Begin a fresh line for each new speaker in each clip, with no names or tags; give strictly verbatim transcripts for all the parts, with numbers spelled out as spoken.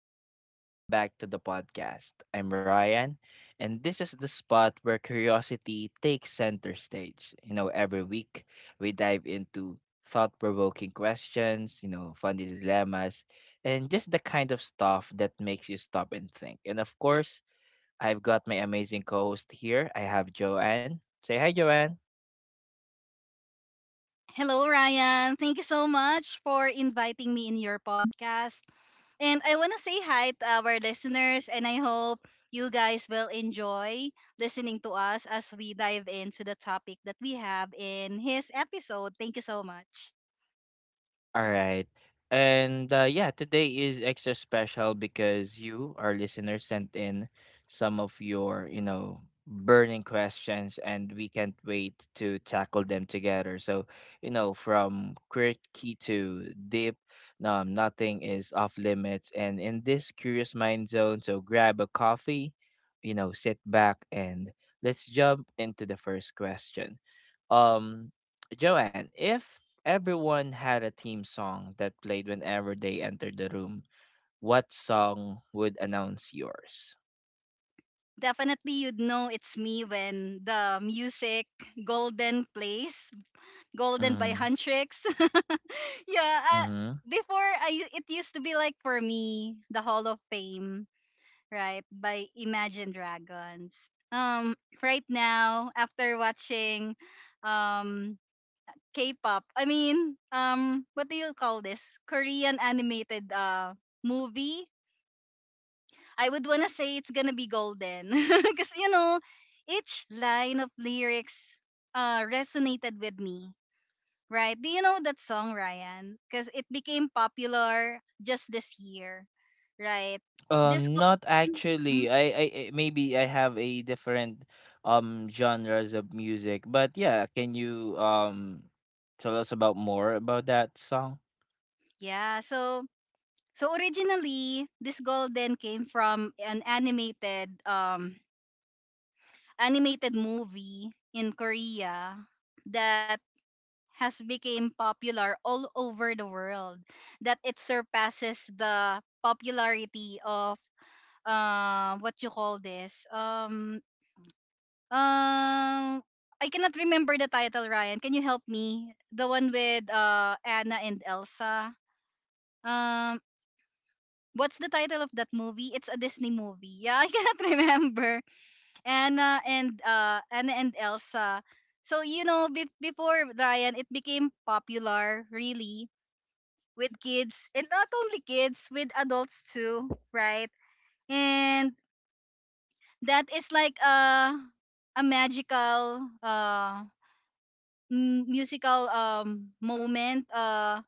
everyone, welcome back to the podcast. I'm Ryan, and this is the spot where curiosity takes center stage. You know, every week we dive into thought provoking questions, you know, funny dilemmas, and just the kind of stuff that makes you stop and think. And of course, I've got my amazing co host here. I have Joanne. Say hi, Joanne.
Hello, Ryan. Thank you so much for inviting me in your podcast. And I want to say hi to our listeners, and I hope you guys will enjoy listening to us as we dive into the topic that we have in his episode. Thank you so much.
All right. And uh, yeah, today is extra special because you, our listeners, sent in some of your, you know, burning questions, and we can't wait to tackle them together. So, you know, from quirky to deep, um, nothing is off limits. And in this curious mind zone, so grab a coffee, you know, sit back, and let's jump into the first question. Um, Joanne, if Everyone had a theme song that played whenever they entered the room, what song would announce yours?
Definitely, you'd know it's me when the music Golden plays, Golden by
Mm,
Huntrix. yeah, uh,
mm-hmm.
before I, it used to be like for me, the Hall of Fame right, by Imagine Dragons. Um, right now, after watching um K-pop, I mean, um, what do you call this? Korean animated uh movie. I would wanna say it's gonna be golden, because you know, each line of lyrics uh resonated with me. Right? Do you know that song, Ryan? Because it became popular just this year, right? This
Um, not
golden. Mhm.
actually. I, I, I Maybe I have a different um genres of music, but yeah, can you um tell us about more about that song?
Yeah, so So originally, this golden came from an animated um animated movie in Korea that has become popular all over the world that it surpasses the popularity of uh what you call this um um I cannot remember the title, Ryan, can you help me, the one with uh Anna and Elsa. Um, what's the title of that movie? It's a Disney movie. Yeah, I cannot remember. Anna and uh Anna and Elsa. So you know, be- before Ryan, it became popular really with kids, and not only kids, with adults too, right? And that is like a a magical uh m- musical um moment uh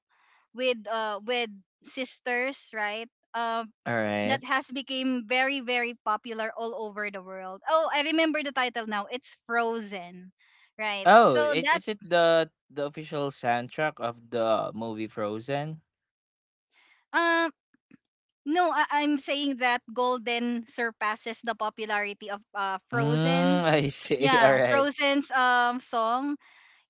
with uh with sisters, right? Um,
All right.
that has become very, very popular all over the world. Oh, I remember the title now. It's Frozen, right?
Oh,
So
i-
that
is it the the official soundtrack of the movie Frozen?
um no, I- I'm saying that Golden surpasses the popularity of uh,
Mm,
Frozen.
I see. All
Yeah,
right.
Frozen's um song,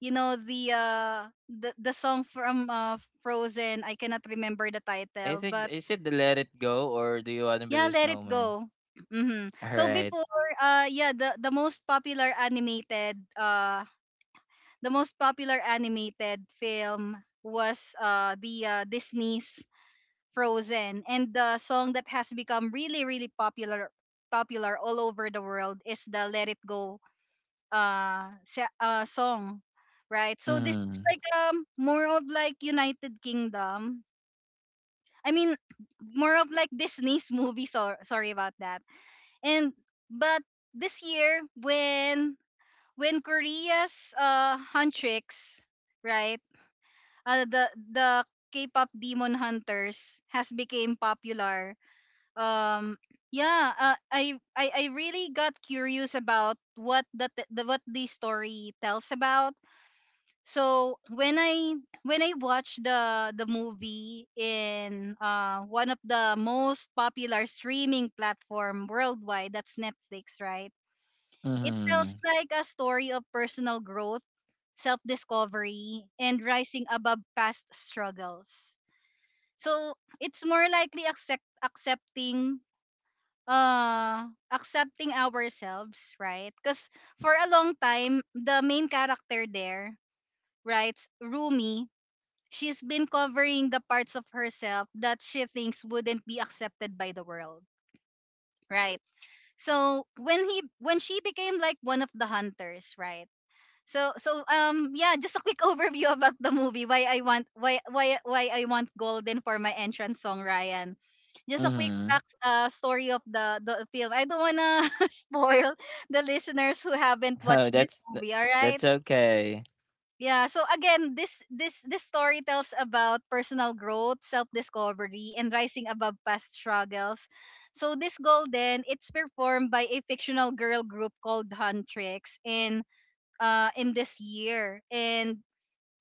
you know the uh the, the song from uh Frozen, I cannot remember the
I
title,
think,
but
is it the Let It Go or Do You Wanna Build
yeah,
a
Let It
Snowman?
Go. Mhm. So
Alright.
before uh yeah, the the most popular animated uh the most popular animated film was uh, the uh, Disney's Frozen, and the song that has become really, really popular popular all over the world is the Let It Go uh, sa- uh song, right? So this is
Mhm.
like um more of like United Kingdom. I mean, more of like Disney's movie. So sorry about that. And but this year when when Korea's uh Huntrix, right? uh, the the K-pop Demon Hunters has became popular. Um, yeah, uh, I, I I really got curious about what the, t- the what the story tells about. So when I when I watched the the movie in uh one of the most popular streaming platform worldwide, that's Netflix, right? It tells
Mhm.
like a story of personal growth, self discovery, and rising above past struggles. So it's more likely accept accepting uh accepting ourselves, right? Because for a long time, the main character there, right, Rumi, she's been covering the parts of herself that she thinks wouldn't be accepted by the world. Right. So when he when she became like one of the hunters, right? So so um yeah, just a quick overview about the movie. Why I want, why why why I want Golden for my entrance song, Ryan. Just a quick
Mhm.
back uh, story of the the film. I don't wanna spoil the listeners who haven't
Oh,
watched this
that's tha
movie. All right.
that's okay.
Yeah. So again, this this this story tells about personal growth, self discovery, and rising above past struggles. So this Golden, it's performed by a fictional girl group called Huntrix, and uh, in this year, and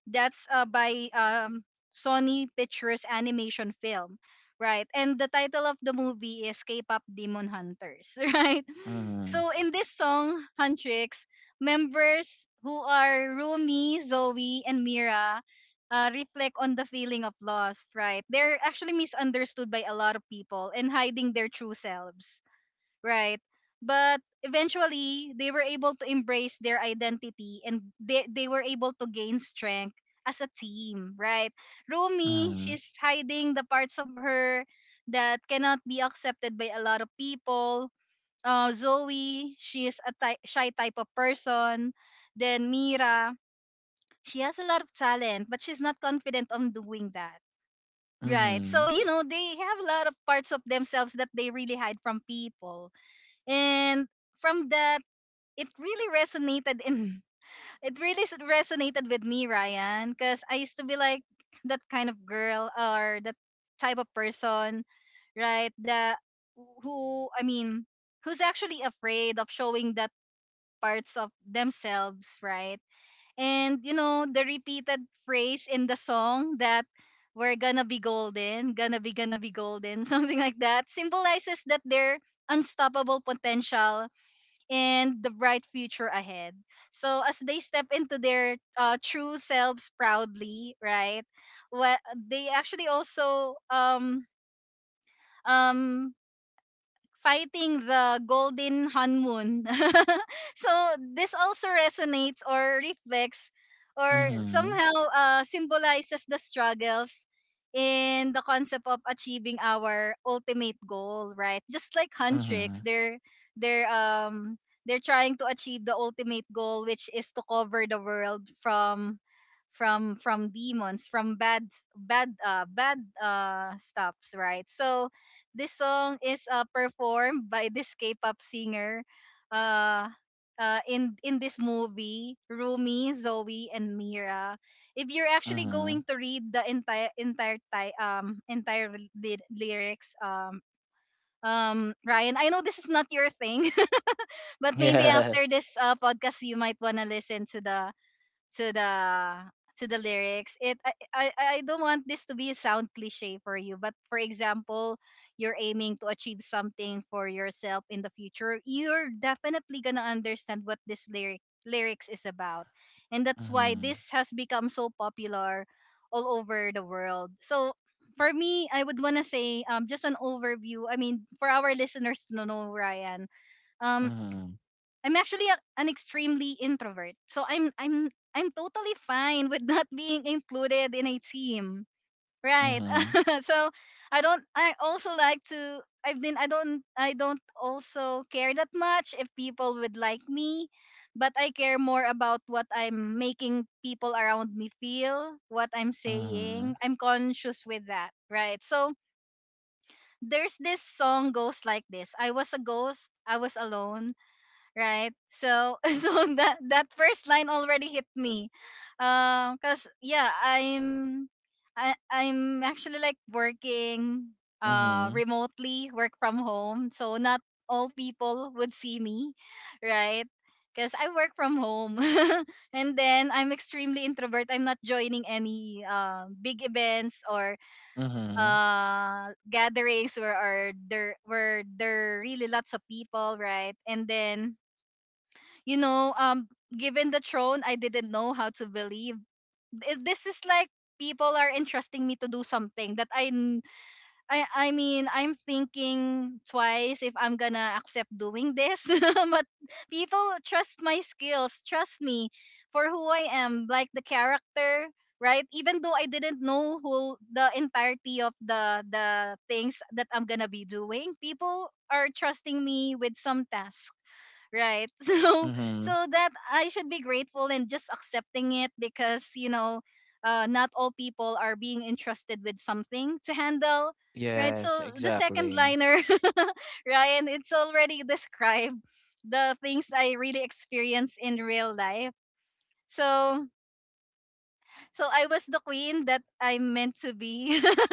that's uh, by um, Sony Pictures Animation Film, right? And the title of the movie is K-pop Demon Hunters, right?
Mhm.
So in this song, Huntrix members, who are Rumi, Zoe, and Mira, uh, reflect on the feeling of loss, right? They're actually misunderstood by a lot of people and hiding their true selves, right? But eventually, they were able to embrace their identity, and they, they were able to gain strength as a team, right? Rumi,
Mhm.
she's hiding the parts of her that cannot be accepted by a lot of people. Uh, Zoe, she is a ty- shy type of person. Then Mira, she has a lot of talent, but she's not confident on doing that. Right. So,
Mhm.
you know, they have a lot of parts of themselves that they really hide from people, and from that, it really resonated in it really s- resonated with me, Ryan, because I used to be like that kind of girl or that type of person, right? That who I mean, who's actually afraid of showing that parts of themselves, right? And you know, the repeated phrase in the song that we're gonna be golden, gonna be, gonna be golden, something like that, symbolizes that their unstoppable potential and the bright future ahead. So as they step into their uh, true selves proudly, right? Well, they actually also um um fighting the golden honeymoon. So this also resonates or reflects or
Mhm.
somehow uh, symbolizes the struggles in the concept of achieving our ultimate goal, right? Just like Huntrix,
Mhm.
they're they're um they're trying to achieve the ultimate goal, which is to cover the world from from from demons, from bad bad uh bad uh stuffs, right? So this song is uh, performed by this K-pop singer uh, uh, in in this movie, Rumi, Zoe, and Mira. If you're actually
Mhm.
going to read the entire entire ti- um entire ly- lyrics, um, um, Ryan, I know this is not your thing, but maybe
Yeah.
after this uh, podcast, you might wanna listen to the to the to the lyrics. It I, I i don't want this to be sound cliche for you, but for example, you're aiming to achieve something for yourself in the future, you're definitely gonna understand what this lyric lyrics is about, and that's why
Mhm.
this has become so popular all over the world. So for me, I would want to say, um just an overview, I mean, for our listeners to know, Ryan, um
Mhm.
I'm actually a, an extremely introvert. So I'm I'm I'm totally fine with not being included in a team. Right.
Mhm.
So I don't I also like to I've been I don't I don't also care that much if people would like me, but I care more about what I'm making people around me feel, what I'm saying.
Mhm.
I'm conscious with that, right? So there's this song goes like this. I was a ghost, I was alone, right? So so that that first line already hit me, um, cause yeah, I'm I I'm actually like working uh
Mhm.
remotely, work from home, so not all people would see me, right? Because I work from home, and then I'm extremely introvert. I'm not joining any uh, big events or
Mhm.
uh gatherings where are there where there really lots of people, right? And then you know, um, given the throne, I didn't know how to believe. Th- This is like people are entrusting me to do something that I, n- I, I mean, I'm thinking twice if I'm gonna accept doing this. But people trust my skills, trust me for who I am, like the character. Right, even though I didn't know who the entirety of the the things that I'm gonna be doing, people are trusting me with some tasks, right.
Mhm.
So so that I should be grateful and just accepting it, because you know, uh, not all people are being entrusted with something to handle, right.
Yes,
So the second
exactly.
liner, Ryan, it's already described the things I really experience in real life. so so I was the queen that I'm meant to be.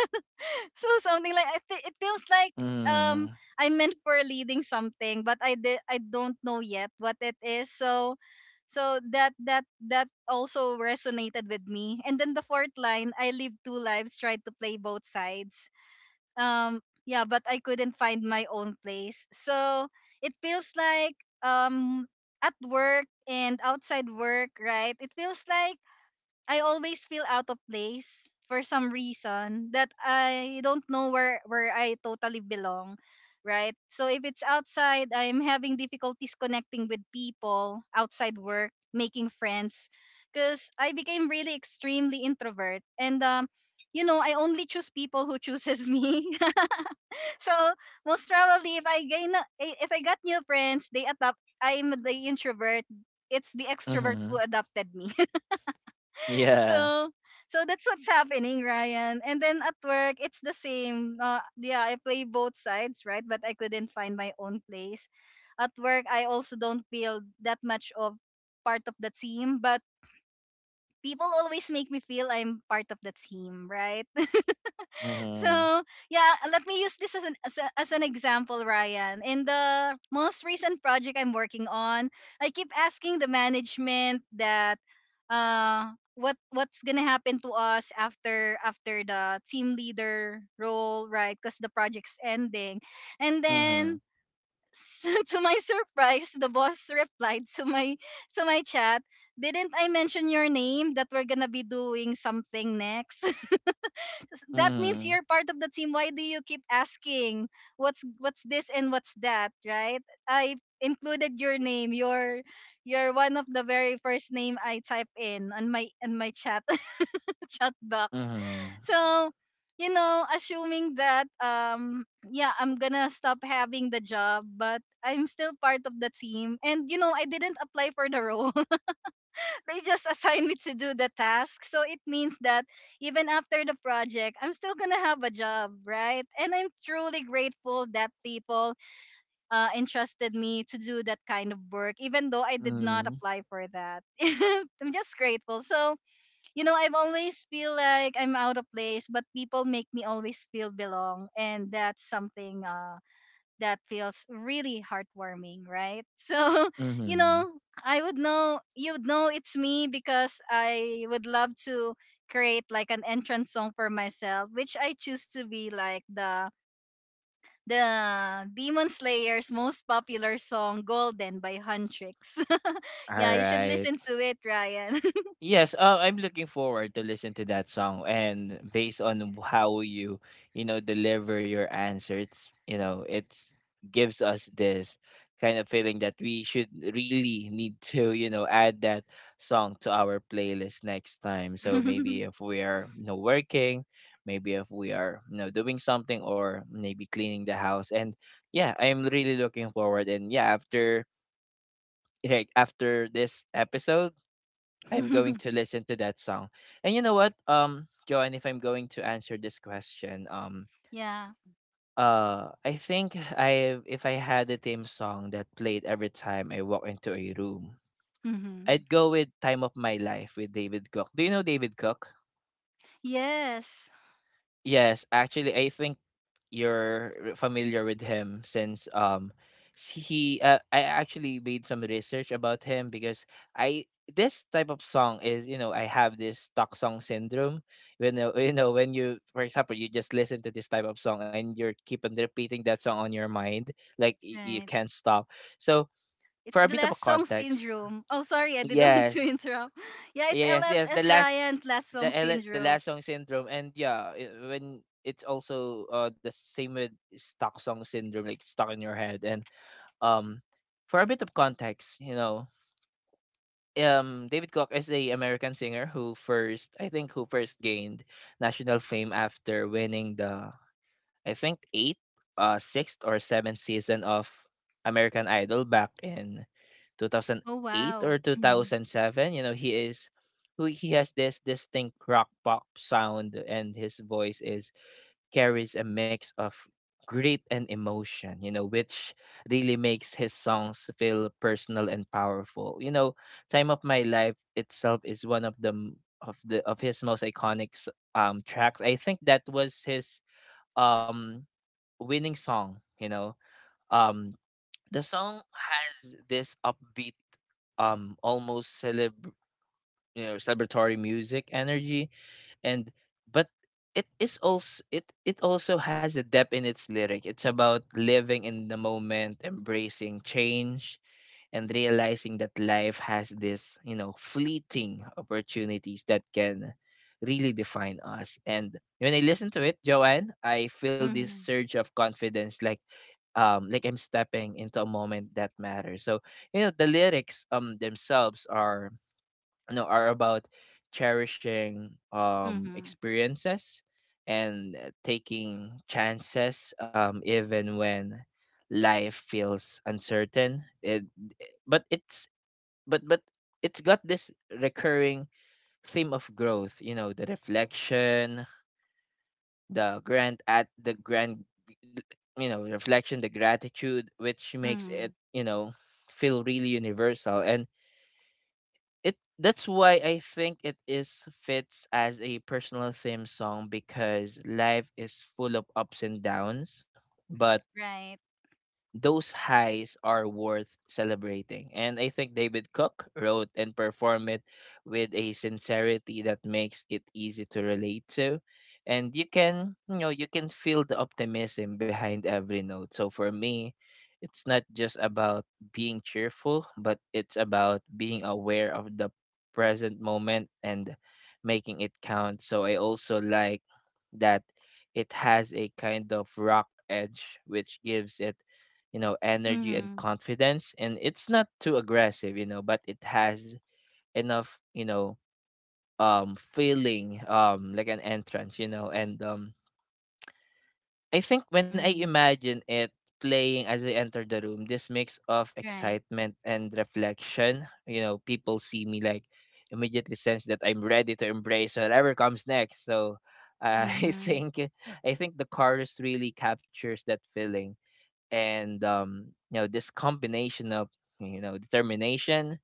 So something like, I thi- it feels like um
Mhm.
I meant for leading something, but I did I don't know yet what it is. So so that that that also resonated with me. And then the fourth line, I live two lives, tried to play both sides. Um, yeah, but I couldn't find my own place. So it feels like um at work and outside work, right? It feels like I always feel out of place for some reason that I don't know where where I totally belong, right? So if it's outside, I'm having difficulties connecting with people outside work, making friends, because I became really extremely introvert. And um you know, I only choose people who chooses me. So most probably, if I gain, a- if I got new friends, they adapt. I'm the introvert. It's the extrovert who
Mhm.
adopted me.
Yeah.
So so that's what's happening, Ryan. And then at work it's the same, uh, yeah, I play both sides, right, but I couldn't find my own place. At work I also don't feel that much of part of the team, but people always make me feel I'm part of the team, right.
Mhm.
So yeah, let me use this as an as, a, as an example, Ryan. In the most recent project I'm working on, I keep asking the management that uh what what's gonna happen to us after after the team leader role, right? Because the project's ending, and
Mhm.
then. To my surprise, the boss replied to my to my chat, "Didn't I mention your name that we're gonna be doing something next?" S- that means
Mhm.
you're part of the team. Why do you keep asking what's what's this and what's that, right? I included your name. You're you're one of the very first name I type in on my on my chat chat box.
Mhm.
So, you know, assuming that um yeah, I'm gonna stop having the job, but I'm still part of the team. And you know, I didn't apply for the role, they just assign me to do the task. So it means that even after the project, I'm still gonna have a job, right? And I'm truly grateful that people uh, entrusted me to do that kind of work, even though I did not
Mm,
apply for that. I'm just grateful. So you know, I've always feel like I'm out of place, but people make me always feel belong, and that's something. Um, that feels really heartwarming, right? So, you
mhm.
know, I would know you would know it's me because I would love to create like an entrance song for myself, which I choose to be like the the Demon Slayer's most popular song, Golden by Huntrix. Yeah, you should
Alright.
listen to it, Ryan.
Yes, uh, I'm looking forward to listen to that song, and based on how you, you know, deliver your answer, it's, you know, it's gives us this kind of feeling that we should really need to, you know, add that song to our playlist next time. So maybe if we are, you know, working, maybe if we are, you know, doing something, or maybe cleaning the house. And yeah, I'm really looking forward. And yeah, after Right after this episode, I'm going to listen to that song. And you know what, um, Joanne, if I'm going to answer this question, um,
Yeah.
uh, I think, I if I had a theme song that played every time I walk into a room,
Hmm.
I'd go with "Time of My Life" with David Cook. Do you know David Cook?
Yes.
Yes, actually, I think you're familiar with him, since um he uh, I actually made some research about him, because I this type of song is, you know, I have this talk song syndrome. When you know you know, when you, for example, you just listen to this type of song, and you're keep on repeating that song on your mind, like y- you
Right.
can't stop. So
It's
for a
the
bit of a
last song
context,
syndrome. Oh, sorry, I didn't mean to
yes,
interrupt. Yeah, it's
yes, yes, the
L S S,
last
Ryan, last
the
song
L- the
syndrome.
Lasong syndrome. And yeah, it, when it's also uh the same with stock song syndrome, like stuck in your head. And um for a bit of context, you know um David Koch is a American singer who first, I think, who first gained national fame after winning the, I think, eighth, uh sixth or seventh season of American Idol back in
Oh
two thousand eight
wow.
or
Mhm.
two thousand seven. You know he is who he has this distinct rock pop sound, and his voice is carries a mix of grit and emotion, you know which really makes his songs feel personal and powerful. You know time of My Life itself is one of the m- of the of his most iconic s- um tracks, I think. That was his um winning song. you know um the song has this upbeat, um almost celeb you know celebratory music energy. And But it is also, it it also has a depth in its lyric. It's about living in the moment, embracing change, and realizing that life has this, you know fleeting opportunities that can really define us. And when I listen to it, Joanne, I feel this
Mhm.
surge of confidence, like um like I'm stepping into a moment that matters. So, you know the lyrics, um themselves, are, you know are about cherishing, um
Mhm.
experiences, and, uh, taking chances, um even when life feels uncertain. It eh, but it's but but it's got this recurring theme of growth, you know the reflection, the grant at the grand, you know reflection, the gratitude, which makes it,
Mhm.
you know feel really universal. And it That's why I think it is fits as a personal theme song, because life is full of ups and downs, but
Right.
those highs are worth celebrating. And I think David Cook wrote and performed it with a sincerity that makes it easy to relate to. And you can, you know, you can feel the optimism behind every note. So for me, it's not just about being cheerful, but it's about being aware of the present moment and making it count. So I also like that it has a kind of rock edge which gives it, you know energy and
Mhm.
confidence, and it's not too aggressive, you know but it has enough, you know um feeling, um like an entrance, you know and um I think, when I
Mhm.
imagine it playing as I enter the room, this mix of
Right.
excitement and reflection, you know people see me, like immediately sense that I'm ready to embrace whatever comes next. So uh, i
Mhm.
think I think the chorus really captures that feeling. And, um, you know, this combination of, you know determination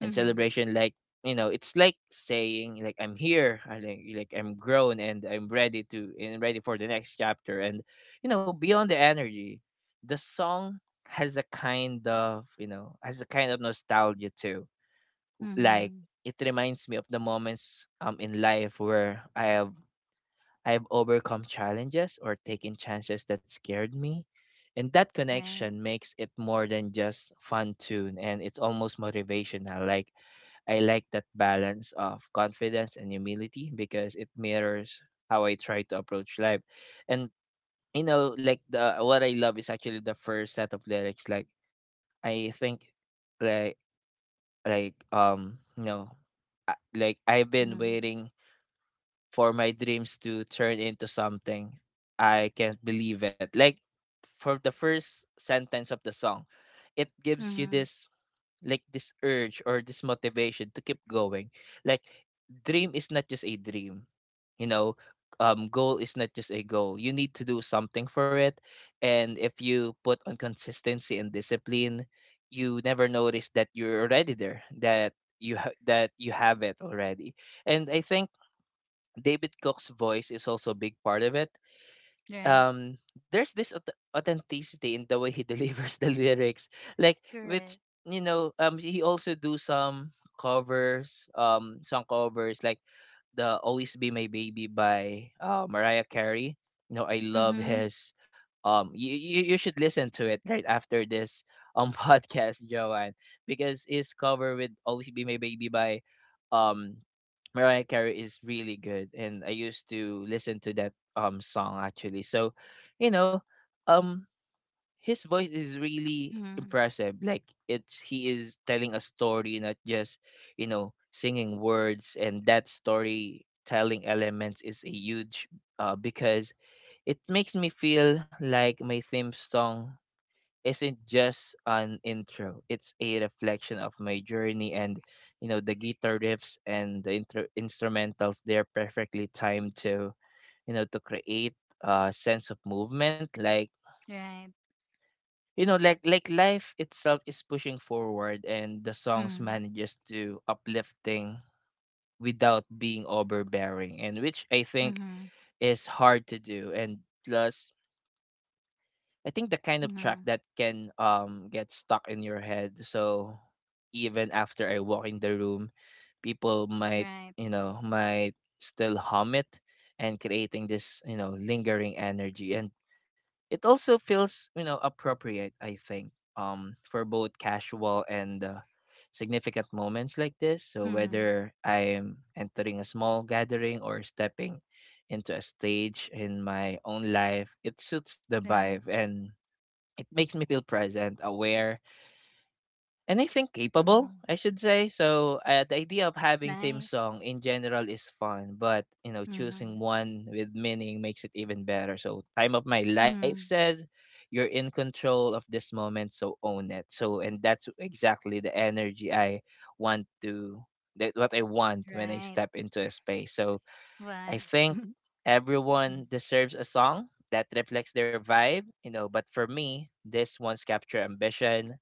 and
Mhm.
celebration, like, you know it's like saying, like, I'm here. I, like, like I'm grown, and I'm ready to and ready for the next chapter. And, you know beyond the energy, the song has a kind of you know has a kind of nostalgia too. Like,
Mhm.
it reminds me of the moments, um in life where i have I've overcome challenges or taken chances that scared me. And that
Right.
connection makes it more than just fun tune, and it's almost motivational. Like, I like that balance of confidence and humility, because it mirrors how I try to approach life. And, you know, like the what I love is actually the first set of lyrics. Like, I think, like like um you know I- like I've been
Mhm.
waiting for my dreams to turn into something. I can't believe it. Like, for the first sentence of the song, it gives you
Mhm.
this, like this urge or this motivation to keep going. Like, dream is not just a dream. You know, um Goal is not just a goal. You need to do something for it. And if you put on consistency and discipline, you never notice that you're already there, that you ha- that you have it already. And I think David Cook's voice is also a big part of it.
Right.
Um, there's this aut- authenticity in the way he delivers the lyrics, like
Correct.
which, you know, um, he also do some covers, um, song covers, like the Always Be My Baby by, uh, Mariah Carey. You know, I love
Mhm.
his um you, you you should listen to it right after this um podcast, Joanne, because his cover with Always Be My Baby by, um Mariah Carey is really good, and I used to listen to that um song actually. So, you know, um his voice is really
Mhm.
impressive. Like, it's he is telling a story, not just, you know singing words. And that storytelling elements is a huge, uh, because it makes me feel like my theme song isn't just an intro. It's a reflection of my journey, and, you know the guitar riffs and the intro instrumentals. They're perfectly timed to you know to create a sense of movement, like,
Right.
you know like like life itself is pushing forward, and the songs
Mhm.
manages to uplifting without being overbearing, and which I think
Mhm.
is hard to do. And plus, I think the kind of track
Mhm.
that can um get stuck in your head. So even after I walk in the room, people might
Right.
you know might still hum it, and creating this, you know lingering energy. And it also feels, you know, appropriate, I think, um, for both casual and, uh, significant moments like this. So
Mhm.
whether I'm entering a small gathering or stepping into a stage in my own life, it suits the
Right.
vibe, and it makes me feel present, aware, and I think capable,
Mhm.
I should say. So uh, the idea of having theme
Nice.
song in general is fun, but, you know,
Mhm.
choosing one with meaning makes it even better. So time of my life
Mhm.
says you're in control of this moment, so own it. So and that's exactly the energy I want to that what I want when I
Right.
step into a space. So I
Wise.
think
Mm.
everyone deserves a song that reflects their vibe, you know, but for me, this one's capture ambition,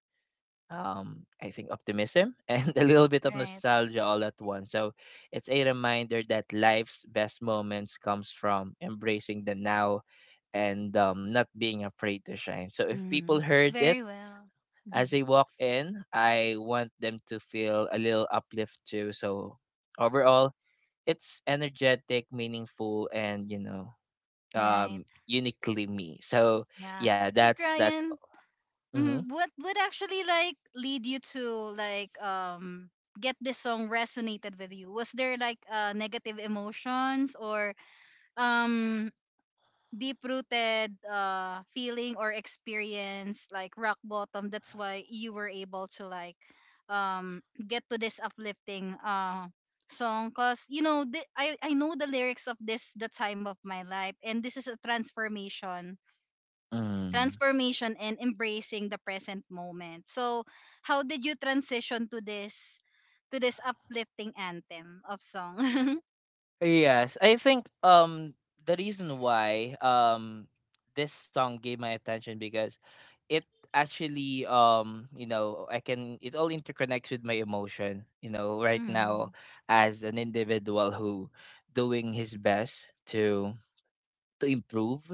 um, I think, optimism, and a little bit of
Right.
nostalgia all at once. So it's a reminder that life's best moments comes from embracing the now and um, not being afraid to shine. So if people
Hmm.
heard it
Very well.
as
Mhm.
they walk in, I want them to feel a little uplift too. So overall, it's energetic, meaningful, and you know,
Right.
um, uniquely me. So
Yeah.
yeah,
But
that's that's.
Ryan,
Mm-hmm.
mhm, what would actually like lead you to like um get this song resonated with you? Was there like uh negative emotions or um deep rooted uh feeling or experience like rock bottom that's why you were able to like um get to this uplifting uh song cuz you know the, I I know the lyrics of this the time of my life and this is a transformation
Mm-hmm.
transformation and embracing the present moment. So how did you transition to this to this uplifting anthem of song?
Yes, I think um the reason why um this song gave my attention because it actually um you know I can it all interconnects with my emotion, you know, right now
Mhm.
as an individual who doing his best to to improve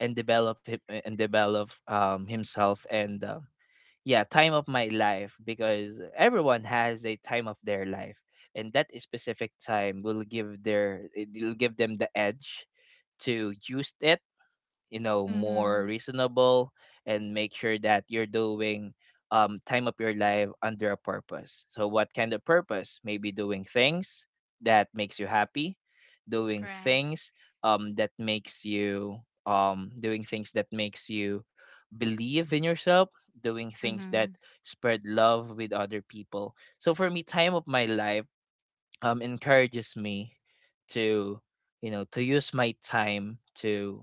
and develop him and develop um himself and uh, yeah, time of my life because everyone has a time of their life and that specific time will give their it will give them the edge to use it, you know, more
Mhm.
reasonable, and make sure that you're doing, um, time of your life under a purpose. So what kind of purpose? Maybe doing things that makes you happy, doing
Right.
things, um, that makes you, um, doing things that makes you believe in yourself, doing things that
Mhm.
spread love with other people. So for me, time of my life, um, encourages me to, you know, to use my time to,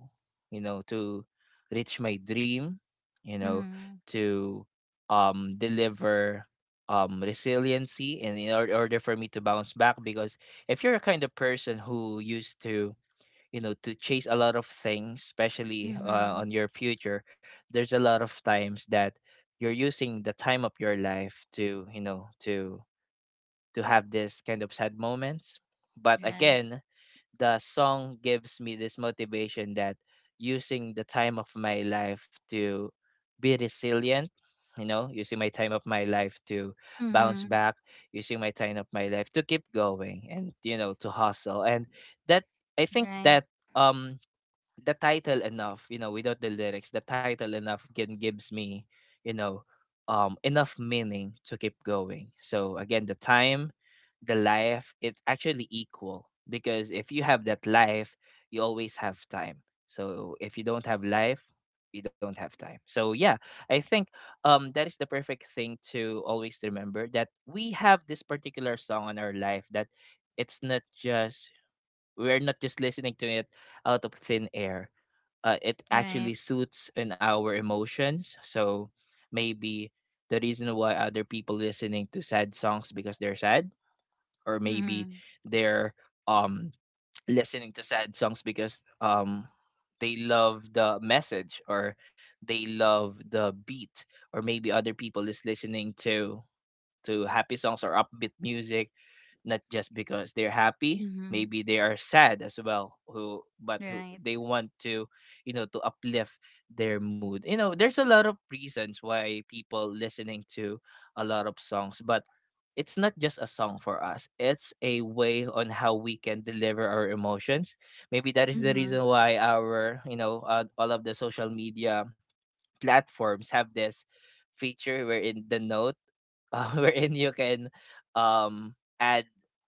you know, to reach my dream, you know,
Mhm.
to um deliver um resiliency and in or- order for me to bounce back, because if you're a kind of person who used to, you know, to chase a lot of things, especially uh,
Mhm.
on your future, there's a lot of times that you're using the time of your life to, you know, to to have this kind of sad moments. But
Right.
again, the song gives me this motivation that using the time of my life to be resilient, you know, using my time of my life to bounce
Mm-hmm.
back, using my time of my life to keep going and you know to hustle. And that I think
Right.
that um the title enough, you know, without the lyrics, the title enough can gives me, you know, um enough meaning to keep going. So again, the time the life it actually equal, because if you have that life, you always have time. So if you don't have life, you don't have time. So yeah, I think um that is the perfect thing to always remember, that we have this particular song in our life that it's not just we're not just listening to it out of thin air. Uh, it
Right.
actually suits in our emotions. So maybe the reason why other people listening to sad songs because they're sad, or maybe
Mm-hmm.
they're um listening to sad songs because um they love the message or they love the beat, or maybe other people is listening to to happy songs or upbeat music, not just because they're happy.
Mm-hmm.
Maybe they are sad as well, who but who
Right.
they want to, you know, to uplift their mood. You know, there's a lot of reasons why people listening to a lot of songs, but it's not just a song for us, it's a way on how we can deliver our emotions. Maybe that is the
Mm-hmm.
reason why our, you know, uh, all of the social media platforms have this feature wherein the note, uh, wherein you can um add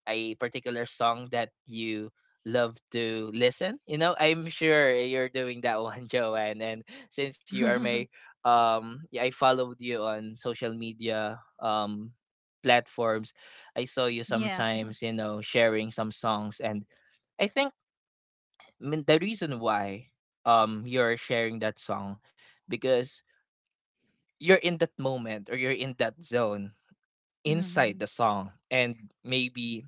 a particular song that you love to listen. You know, I'm sure you're doing that one, Joanne. And since you are my um yeah, I followed you on social media um platforms. I saw you
Yeah.
sometimes, you know, sharing some songs. And I think, I mean, the reason why um you're sharing that song because you're in that moment or you're in that zone inside
Mm-hmm.
the song. And maybe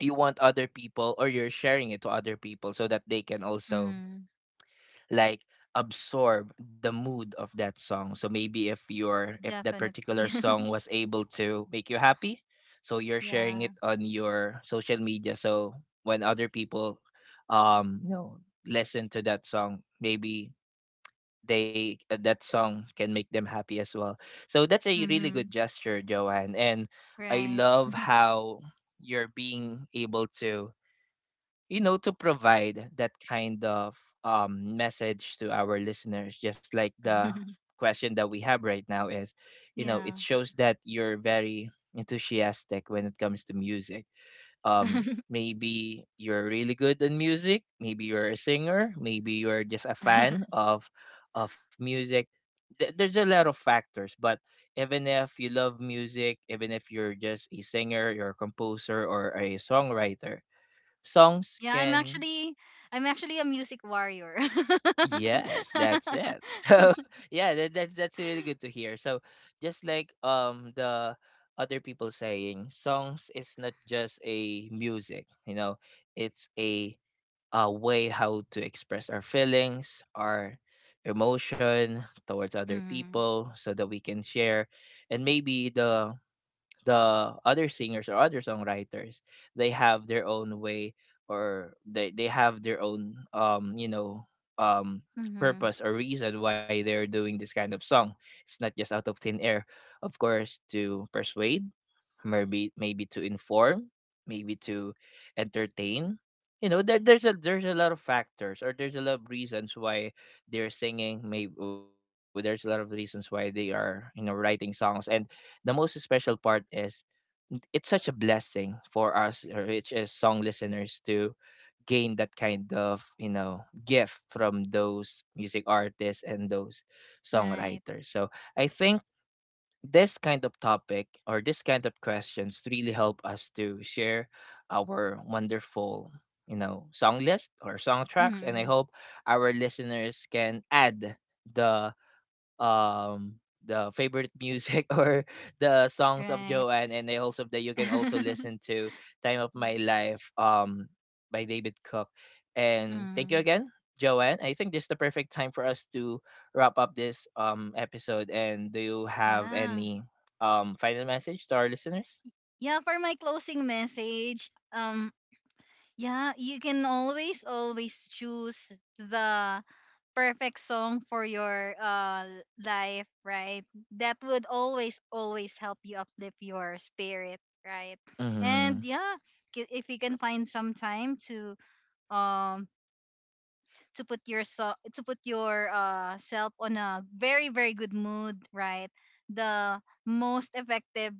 you want other people, or you're sharing it to other people so that they can also
Mm-hmm.
like absorb the mood of that song. So maybe if your if that
Definitely.
particular song was able to make you happy, so you're sharing
Yeah.
it on your social media. So when other people, um you know, listen to that song, maybe they uh, that song can make them happy as well. So that's a really good
Mm-hmm.
gesture, Joanne. And I
Right.
love how you're being able to, you know, to provide that kind of, um, message to our listeners. Just like the question that we have right now is, you know,
Yeah.
it shows that you're very enthusiastic when it comes to music. Um maybe you're really good in music, maybe you're a singer, maybe you're just a fan of of music. Th- there's a lot of factors, but even if you love music, even if you're just a singer, you're a composer or a songwriter, songs
yeah, I'm
can
actually I'm actually a music warrior.
yes that's it so yeah that, that's that's really good to hear. So just like um the other people saying songs is not just a music, you know, it's a a way how to express our feelings, our emotion towards other
Mm-hmm.
people, so that we can share. And maybe the the other singers or other songwriters, they have their own way, or they they have their own um you know um
Mm-hmm.
purpose or reason why they're doing this kind of song. It's not just out of thin air. Of course, to persuade, maybe maybe to inform, maybe to entertain. You know there, there's a there's a lot of factors, or there's a lot of reasons why they're singing. Maybe there's a lot of reasons why they are, you know, writing songs. And the most special part is it's such a blessing for us, uh, which is song listeners, to gain that kind of, you know, gift from those music artists and those
Right.
songwriters. So I think this kind of topic or this kind of questions really help us to share our wonderful, you know, song list or song tracks. And I
Mm-hmm.
hope our listeners can add the um the favorite music or the songs of
Right.
Joanne and I, also that you can also listen to Time of My Life, um by David Cook. And thank
Mm-hmm.
you again, Joanne. I think this is the perfect time for us to wrap up this um episode. And do you have
Yeah.
any um final message to our listeners?
Yeah, for my closing message, um yeah, you can always always choose the perfect song for your uh l- life, right? That would always always help you uplift your spirit, right?
Mm-hmm.
And yeah, ki- if you can find some time to um to put yourself to put your uh self on a very very good mood, right? The most effective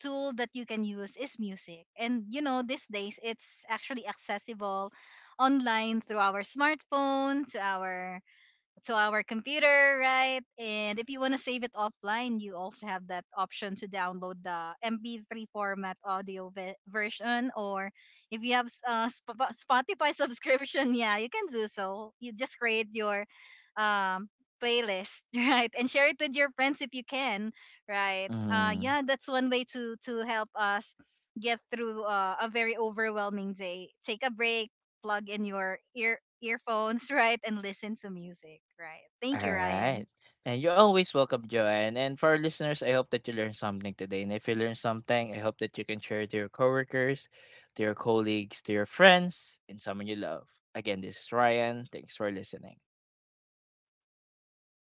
tool that you can use is music, and you know these days it's actually accessible online through our smartphone to our to our computer, right? And if you want to save it offline, you also have that option to download the M P three format audio ve- version. Or if you have s- uh, Sp- Spotify subscription, yeah, you can do so. You just create your um, playlist, right? And share it with your friends if you can, right? Uh,
Mm-hmm.
yeah, that's one way to to help us get through uh, a very overwhelming day. Take a break, plug in your ear earphones, right, and listen to music, right?
All
Thank you, Ryan.
right. And you're always welcome, Joanne. And for our listeners, I hope that you learned something today. And if you learned something, I hope that you can share it to your coworkers, to your colleagues, to your friends, and someone you love. Again, this is Ryan. Thanks for listening.